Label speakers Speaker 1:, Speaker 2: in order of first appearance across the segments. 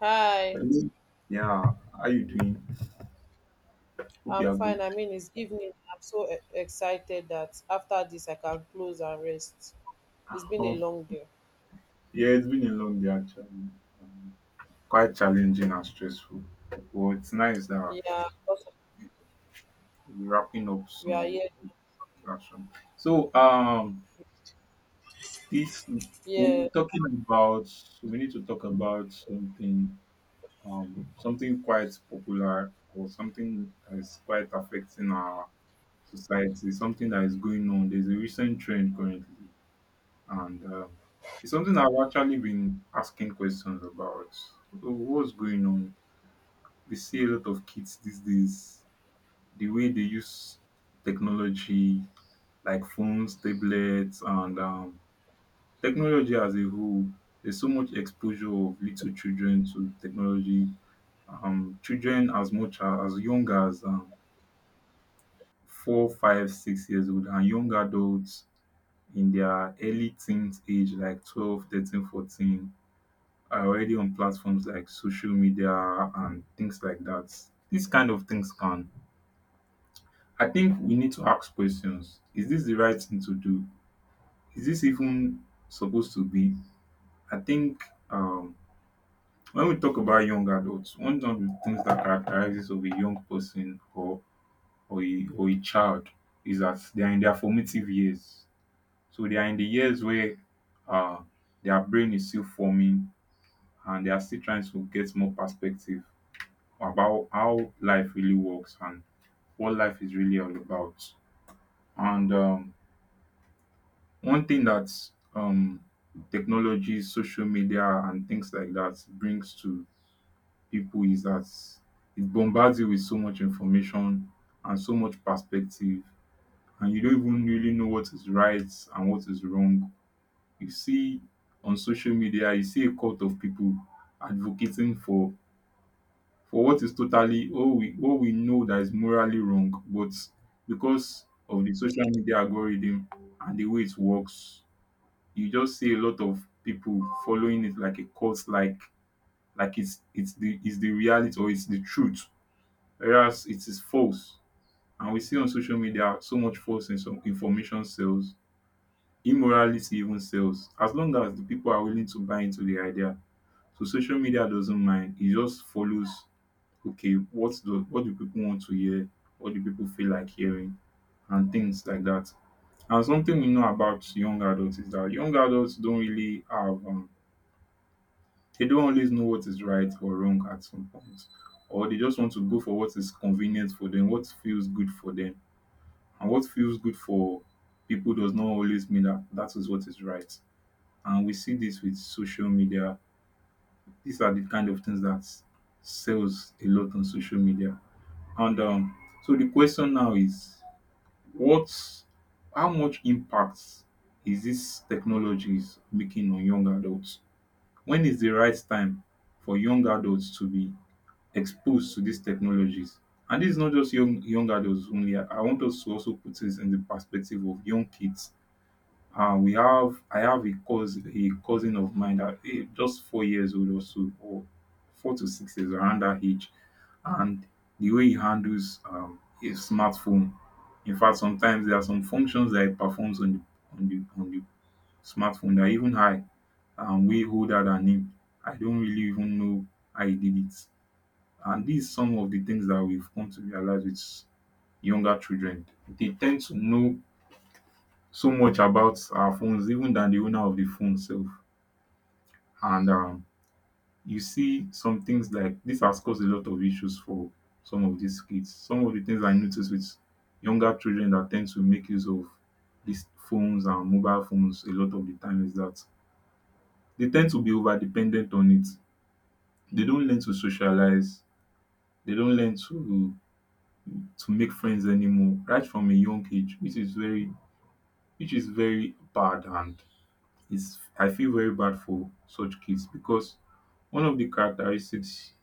Speaker 1: Hi,
Speaker 2: Hello. Yeah, how you doing? Hope
Speaker 1: I'm
Speaker 2: you are
Speaker 1: fine.
Speaker 2: good.
Speaker 1: I mean, it's evening. I'm so excited that after this I can close and rest. It's been a
Speaker 2: Um,
Speaker 1: long day.
Speaker 2: yeah, it's been a long day actually. Um, Quite challenging and stressful. But it's nice that
Speaker 1: Yeah, because
Speaker 2: we're wrapping up
Speaker 1: we are
Speaker 2: soon
Speaker 1: here.
Speaker 2: with satisfaction. So this we're
Speaker 1: Yes,
Speaker 2: talking about we need to talk about something, something quite popular or something that is quite affecting our society, something that is going on. There's a recent trend currently. And It's something I've actually been asking questions about. Wh- What's going on? We see a lot of kids these days, the way they use technology, like phones, tablets, and technology as a whole. There's so much exposure of little children to technology. Children as much as young as four, five, 6 years old, and young adults in their early teens age, like 12, 13, 14, are already on platforms like social media and things like that. These kind of things can. I think we need to ask questions. Is this the right thing to do? Is this even supposed to be? I think, um, when we talk about young adults, one of the things that characterizes of a young person or a child is that they are in their formative years. So they are in the years where, uh, their brain is still forming and they are still trying to get more perspective about how life really works and what life is really all about. And One thing that, um, technology, social media, and things like that brings to people is that it bombards you with so much information and so much perspective, and you don't even really know what is right and what is wrong. You see on social media, you see a cult of people advocating for what is totally, what we know that is morally wrong, but because of the social media algorithm and the way it works, you just see a lot of people following it like a cult, like it's the reality or it's the truth, whereas it is false. And we see on social media so much false in some information sells, immorality even sells. As long as the people are willing to buy into the idea, so social media doesn't mind; it just follows. Okay, what do people want to hear? What do people feel like hearing? And things like that. And something we know about young adults is that young adults don't really have, they don't always know what is right or wrong at some point. Or they just want to go for what is convenient for them, what feels good for them. And what feels good for people does not always mean that that is what is right. And we see this with social media. These are the kind of things that sells a lot on social media. And So the question now is, what, how much impact is this technology is making on young adults? When is the right time for young adults to be exposed to these technologies? And this is not just young adults only. I want us to also put this in the perspective of young kids. We have, I have a cousin, of mine that, just 4 years old or so, or 4 to 6 years around that age, and the way he handles, his smartphone. In fact, sometimes there are some functions that he performs on the on the on the smartphone that even I am way older than him. I don't really even know how he did it. And these some of the things that we've come to realize with younger children. They tend to know so much about our phones even than the owner of the phone sef, and you see some things like this has caused a lot of issues for some of these kids. Some of the things I notice with younger children that tend to make use of these phones and mobile phones a lot of the time is that they tend to be over dependent on it. They don't learn to socialize. They don't learn to make friends anymore right from a young age, which is very, which is very bad, and is, I feel very bad for such kids because one of the characteristics,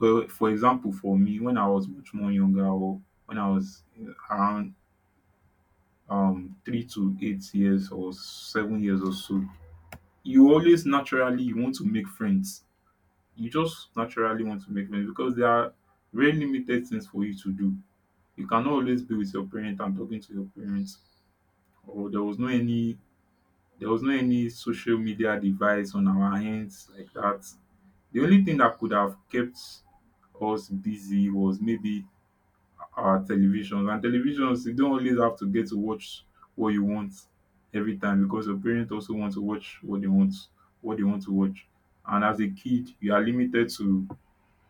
Speaker 2: well, for example, for me when I was much more younger, or when I was, around, 3 to 8 years or 7 years or so, you always naturally you want to make friends. You just naturally want to make friends because there are very limited things for you to do. You cannot always be with your parent and talking to your parents. Or there was no any social media device on our hands like that. The only thing that could have kept us busy was maybe our televisions, and televisions you don't always have to get to watch what you want every time because your parents also want to watch what they want, to watch. And as a kid, you are limited to,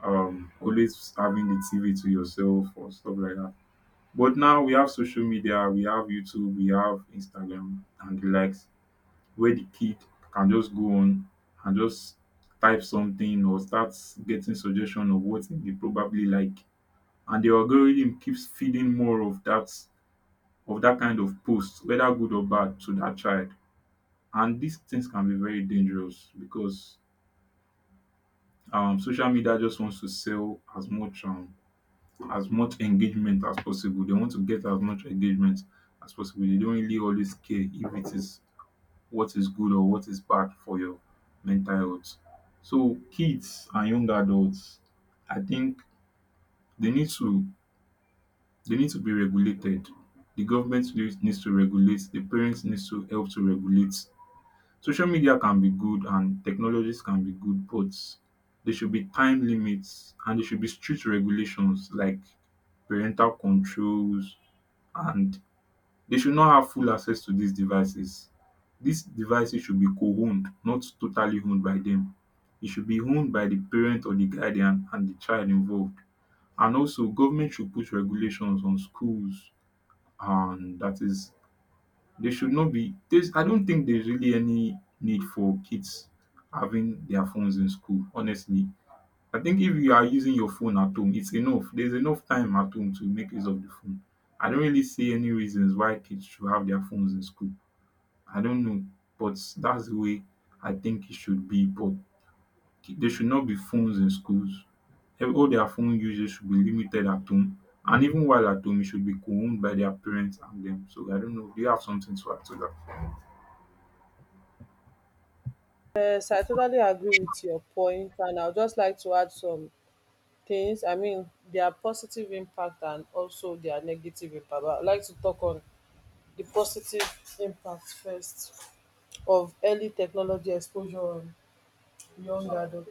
Speaker 2: always having the TV to yourself or stuff like that. But now we have social media, we have YouTube, we have Instagram and the likes, where the kid can just go on and just type something or start getting suggestion of what they probably like, and the algorithm keeps feeding more of that, kind of post, whether good or bad, to that child. And these things can be very dangerous because, social media just wants to sell as much, as much engagement as possible. They want to get as much engagement as possible. Dey don't really always care if it is what is good or what is bad for your mental health. So kids and young adults, I think they need to, they need to be regulated. The government needs to regulate, the parents needs to help to regulate. Social media can be good and technologies can be good, but there should be time limits and there should be strict regulations like parental controls, and they should not have full access to these devices. These devices should be co-owned, not totally owned by them. It should be owned by the parent or the guardian and the child involved. And also, government should put regulations on schools, and that is, they should not be, there's I don't think there's really any need for kids having their phones in school, honestly. I think if you are using your phone at home, it's enough. There's enough time at home to make use of the phone. I don't really see any reasons why kids should have their phones in school. I don't know, but that's the way I think it should be. But there should not be phones in schools. All their phone usage should be limited at home. And even while at home, it should be co-owned by their parents and them. So I don't know. Do you have something to add to that?
Speaker 1: yes, I totally agree with your point, and I'd just like to add some things. I mean, their positive impact and also their negative impact. But I'd like to talk on the positive impact first of early technology exposure on young adults.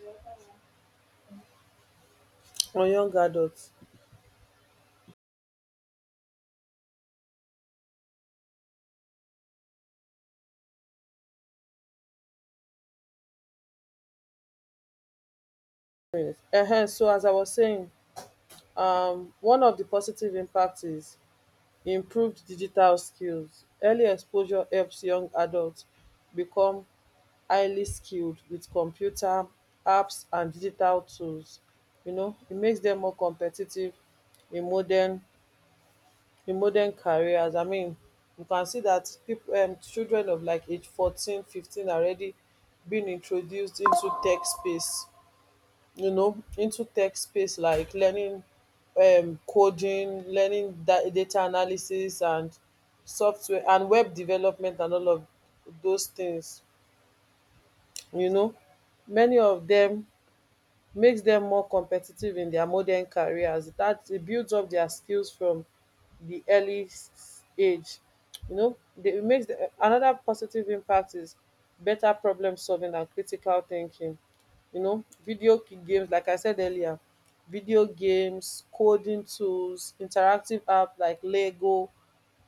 Speaker 1: On young adults. Yes. So as I was saying, one of the positive impacts is improved digital skills. Early exposure helps young adults become highly skilled with computer apps and digital tools. It makes them more competitive in modern careers. I mean, you can see that people, children of like age 14, 15, already being introduced into tech space, you know, into tech space, like learning coding, learning data analysis, and software and web development and all of those things, you know. Many of them makes dem more competitive in dia modern careers dat e builds up dia skills from the early age, you know. It makes dem anoda positive impact is better problem solving and critical thinking. You know, video games, like I said earlier, video games, coding tools, interactive app like lego,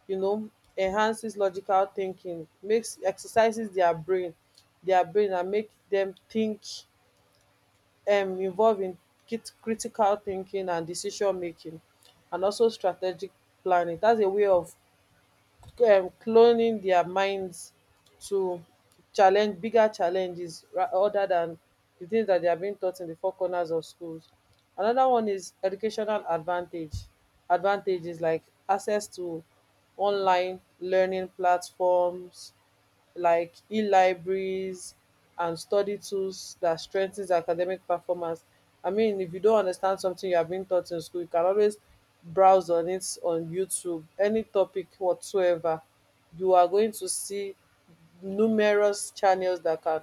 Speaker 1: you know, enhances logical thinking, makes exercises their brain and make them think, involve in kit critical thinking and decision making, and also strategic planning. That's a way of cloning their minds to challenge bigger challenges, other than the things that they are being taught in the four corners of schools. Another one is educational advantage. Advantages like access to online learning platforms, like e-libraries and study tools that strengthens academic performance. I mean, if you don't understand something you have been taught in school, you can always browse on it on YouTube. Any topic whatsoever, you are going to see numerous channels that can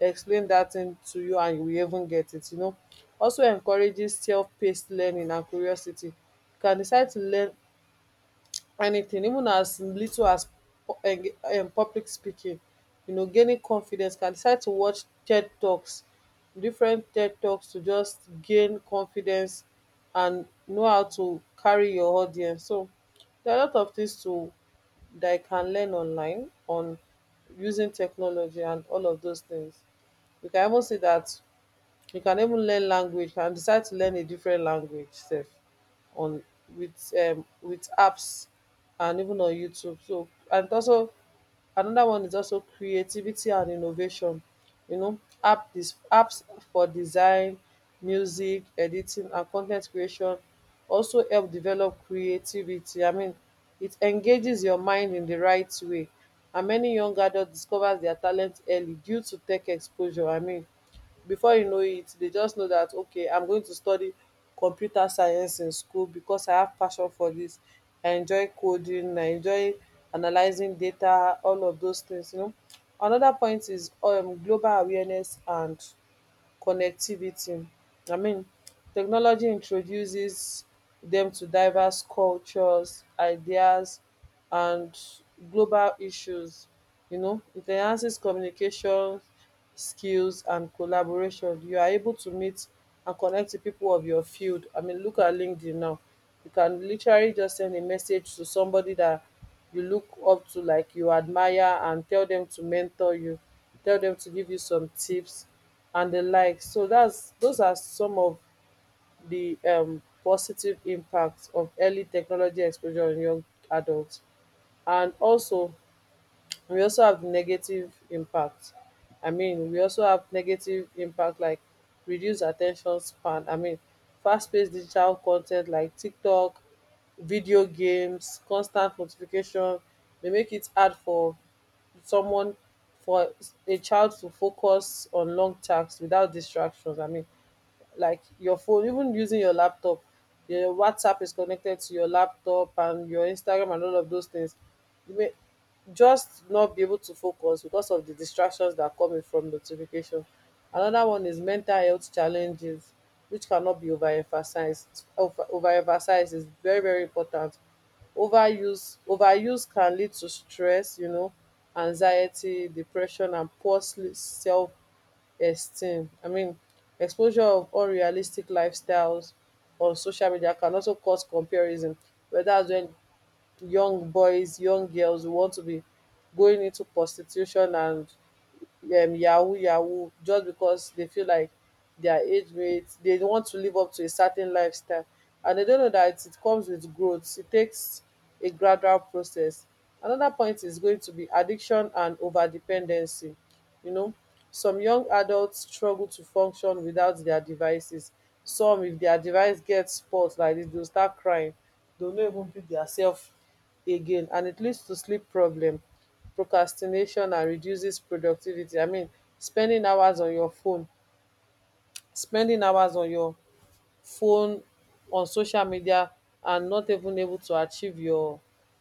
Speaker 1: explain that thing to you, and you will even get it, you know. Also encourages self-paced learning and curiosity. You can decide to learn anything, even as little as public speaking, you know, gaining confidence, can decide to watch TED talks, different TED talks, to just gain confidence and know how to carry your audience. So there are a lot of things to that I can learn online, on using technology and all of those things. You can even see that you can even learn language, and decide to learn a different language sef, on with apps and even on YouTube. So and also another one is also creativity and innovation. You know, apps for design, music, editing, and con ten t creation also help develop creativity. I mean, it engages your mind in the right way, and many young adults discovers their talent early due to tech exposure. I mean, before you know it, they just know that, okay, I'm going to study computer science in school because I have passion for this. I enjoy coding, I enjoy analyzing data, all of those things, you know. Another point is global awareness and connectivity. I mean, technology introduces them to diverse cultures, ideas, and global issues. You know, it enhances communication skills and collaboration. You are able to meet and connect with people of your field. I mean, look at LinkedIn now. You can literally just send a message to somebody that you look up to, like you admire, and tell them to mentor you, tell them to give you some tips and the like. So that's those are some of the positive impacts of early technology exposure on young adults. And also, we also have negative impact. I mean, we also have negative impact, like reduced attention span. I mean, fast-paced digital content like tiktok, video games, constant notification, dey make it hard for someone, for a child to focus on long tasks without distractions. I mean, like your phone, even using your laptop, your whatsapp is connected to your laptop and your instagram and all of those things, you may just not be able to focus because of the distractions that are coming from notification. Another one is mental health challenges, which cannot be overemphasized, overemphasized, is very very important. Overuse can lead to stress, you know, anxiety, depression, and poor self esteem. I mean, exposure of unrealistic lifestyles on social media can also cause comparison, whether that's when young boys, young girls who want to be going into prostitution and yahoo yahoo, just because they feel like their age mates, they want to live up to a certain lifestyle. And they don't know that it comes with growth. It takes a gradual process. Another point is going to be addiction and over dependency. You know, some young adults struggle to function without their devices. Some, if their device gets spoilt like this, they will start crying, they no even pick themselves again, and it leads to sleep problem, procrastination, and reduces productivity. I mean, spending hours on your phone spending hours on your phone on social media, and not even able to achieve your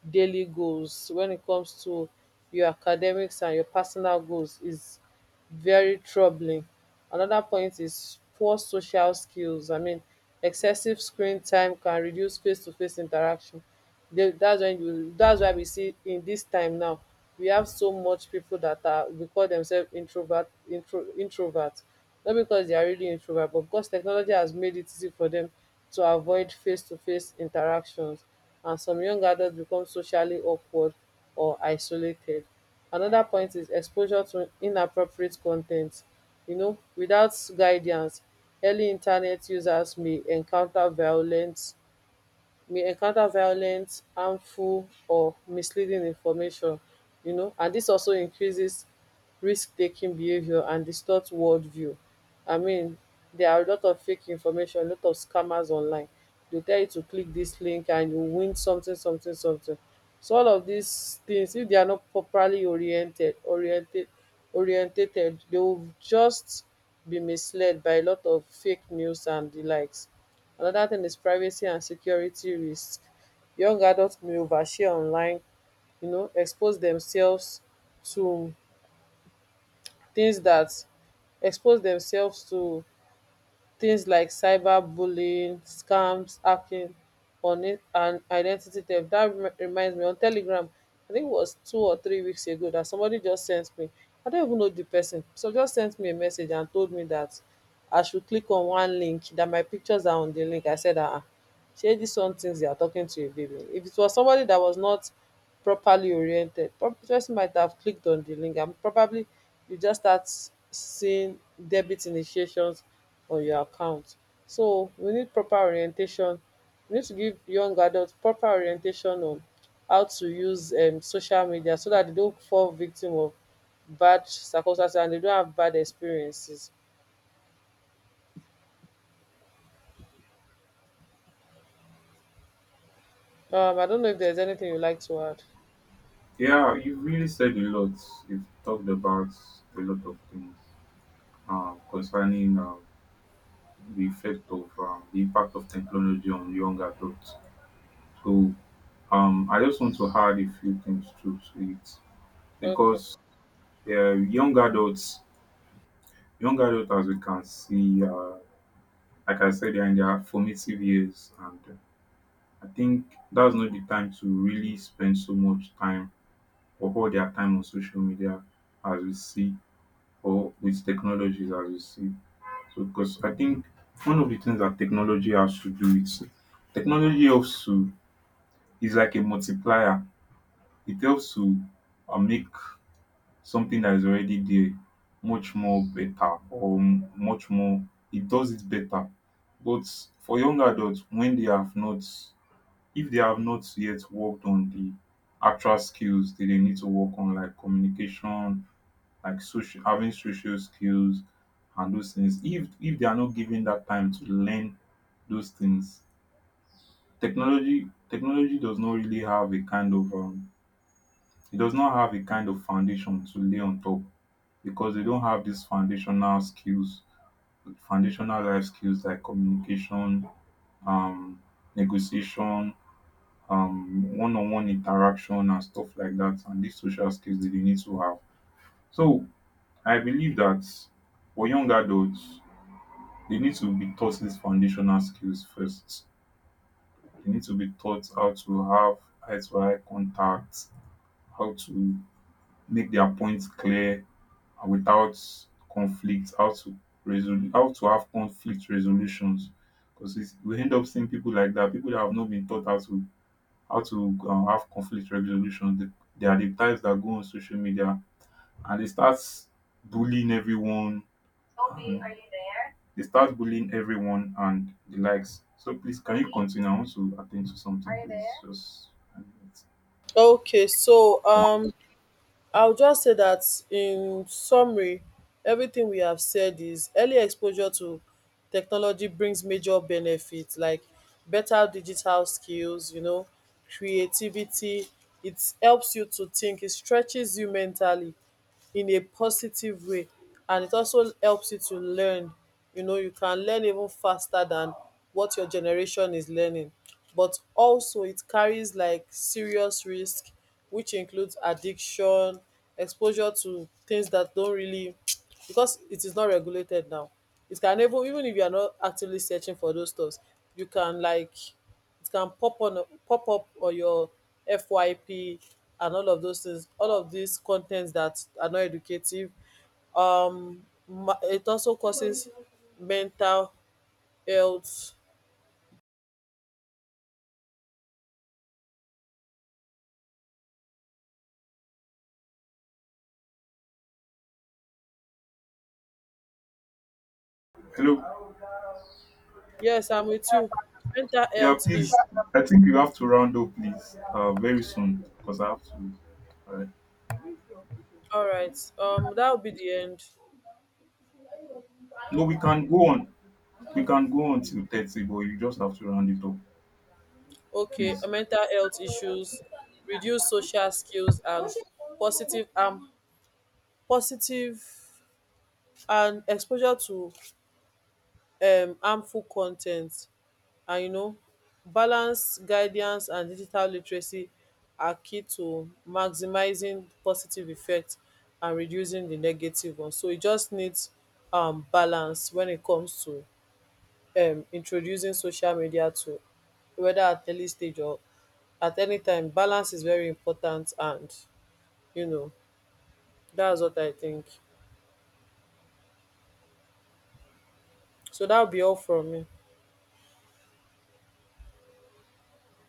Speaker 1: daily goals when it comes to your academics and your personal goals, is very troubling. Another point is poor social skills. I mean, excessive screen time can reduce face-to-face interaction. They, that's when you. That's why we see in this time now, we have so much people that are we call themselves introvert not because they are really introvert, but because technology has made it easy for them to avoid face to face interactions. And some young adults become socially awkward or isolated. Another point is exposure to inappropriate content. You know, without guidance, early internet users may encounter violent, harmful, or misleading information, you know, and this also increases risk-taking behaviour and distorts world view. I mean, there are a lot of fake information, a lot of scammers online. They tell you to click this link and you win something something something. So all of these things, if they are not properly oriented oriented orientated, they will just be misled by a lot of fake news and the likes. Another thing is privacy and security risk. Young adults may overshare online, you know, expose themselves to things expose themselves to like cyberbullying, scams, hacking on it, and identity theft. That reminds me, on telegram, I think it was 2 or 3 weeks ago that somebody just sent me, I don't even know the person, so just sent me a message and told me that I should click on one link that my pictures are on the link. I said, ah, shey this one, things they are talking to a baby. If it was somebody that was not properly oriented, person might have clicked on the link, and probably you just start seeing debit initiations on your account. So we need proper orientation. We need to give young adults proper orientation on how to use, social media, so that they don't fall victim of bad circumstances and they don't have bad experiences. I don't know if there's anything you'd like to add.
Speaker 2: Yeah, you've really said a lot. You've talked about a lot of things, concerning, the effect of, the impact of technology on young adults. So, I just want to add a few things to it
Speaker 1: Okay.
Speaker 2: because, young adults, as we can see are, like I said, they are in their formative years, and, I think that's not the time to really spend so much time or all their time on social media as we see, or with technologies as we see. So because I think one of the things that technology has to do is technology helps to, is like a multiplier. It helps to, make something that is already there much more better, or much more, it does it better. But for young adults, when they have not, if they have not yet worked on the actual skills that they need to work on, like communication, like social, having social skills, and those things, if they are not given that time to learn those things, technology does not really have a kind of, it does not have a kind of foundation to lay on top because they don't have these foundational skills, foundational life skills like communication, um negotiation, one-on-one interaction and stuff like that, and these social skills that they need to have. So I believe that for young adults, they need to be taught these foundational skills first. They need to be taught how to have eye to eye contact, how to make their points clear without conflict, how to resolve, how to have conflict resolutions. Because we end up seeing people like that, people that have not been taught how to, have conflict resolution. They are the types that go on social media and they start bullying everyone. Sophie, are you there? They start bullying everyone and the likes. So please, can you continue? I want to attend to something. Are you, please, there? Just, um,
Speaker 1: Okay, so
Speaker 2: yeah.
Speaker 1: I'll just say that in summary, everything we have said is early exposure to technology brings major benefits like better digital skills, you know, creativity. It helps you to think, it stretches you mentally, in a positive way, and it also helps you to learn. You know, you can learn even faster than what your generation is learning. But also it carries like serious risk, which includes addiction, exposure to things that don't really, because it is not regulated now, it can even if you are not actively searching for those stuffs, you can, like, it can pop up on your FYP and all of those things, all of these contents that are not educative, ma- it also causes mental health.
Speaker 2: Hello.
Speaker 1: Yes, I'm with you. Mental
Speaker 2: Yeah,
Speaker 1: health
Speaker 2: please.
Speaker 1: issue.
Speaker 2: I think you have to round up, please, very soon because I have to. Uh,
Speaker 1: All right, that will be the end.
Speaker 2: no, we can go on. We can go on till 30, but you just have to round it up,
Speaker 1: Okay,
Speaker 2: please.
Speaker 1: mental health issues, reduce social skills, and positive, positive and exposure to harmful con ten t, and you know, balance guidance and digital literacy are key to maximizing positive effects and reducing the negative one. So it just needs balance when it comes to introducing social media to, whether at early stage or at any time, balance is very important, and you know, that's what I think. So that'll be all from me.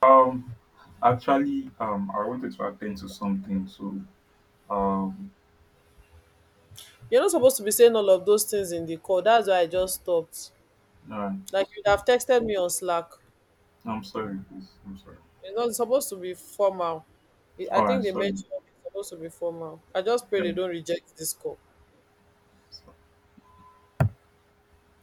Speaker 2: Um, actually, I wanted to attend to something, so, um,
Speaker 1: You're not supposed to be saying all of those things in the call, that's why I just stopped,
Speaker 2: all right.
Speaker 1: like you'd have texted me on slack.
Speaker 2: I'm sorry, please. I'm sorry.
Speaker 1: It's not supposed to be formal. I
Speaker 2: All
Speaker 1: think
Speaker 2: right,
Speaker 1: they
Speaker 2: sorry.
Speaker 1: mentioned it's supposed to be formal. I just pray they don't
Speaker 2: Yeah.
Speaker 1: reject this call.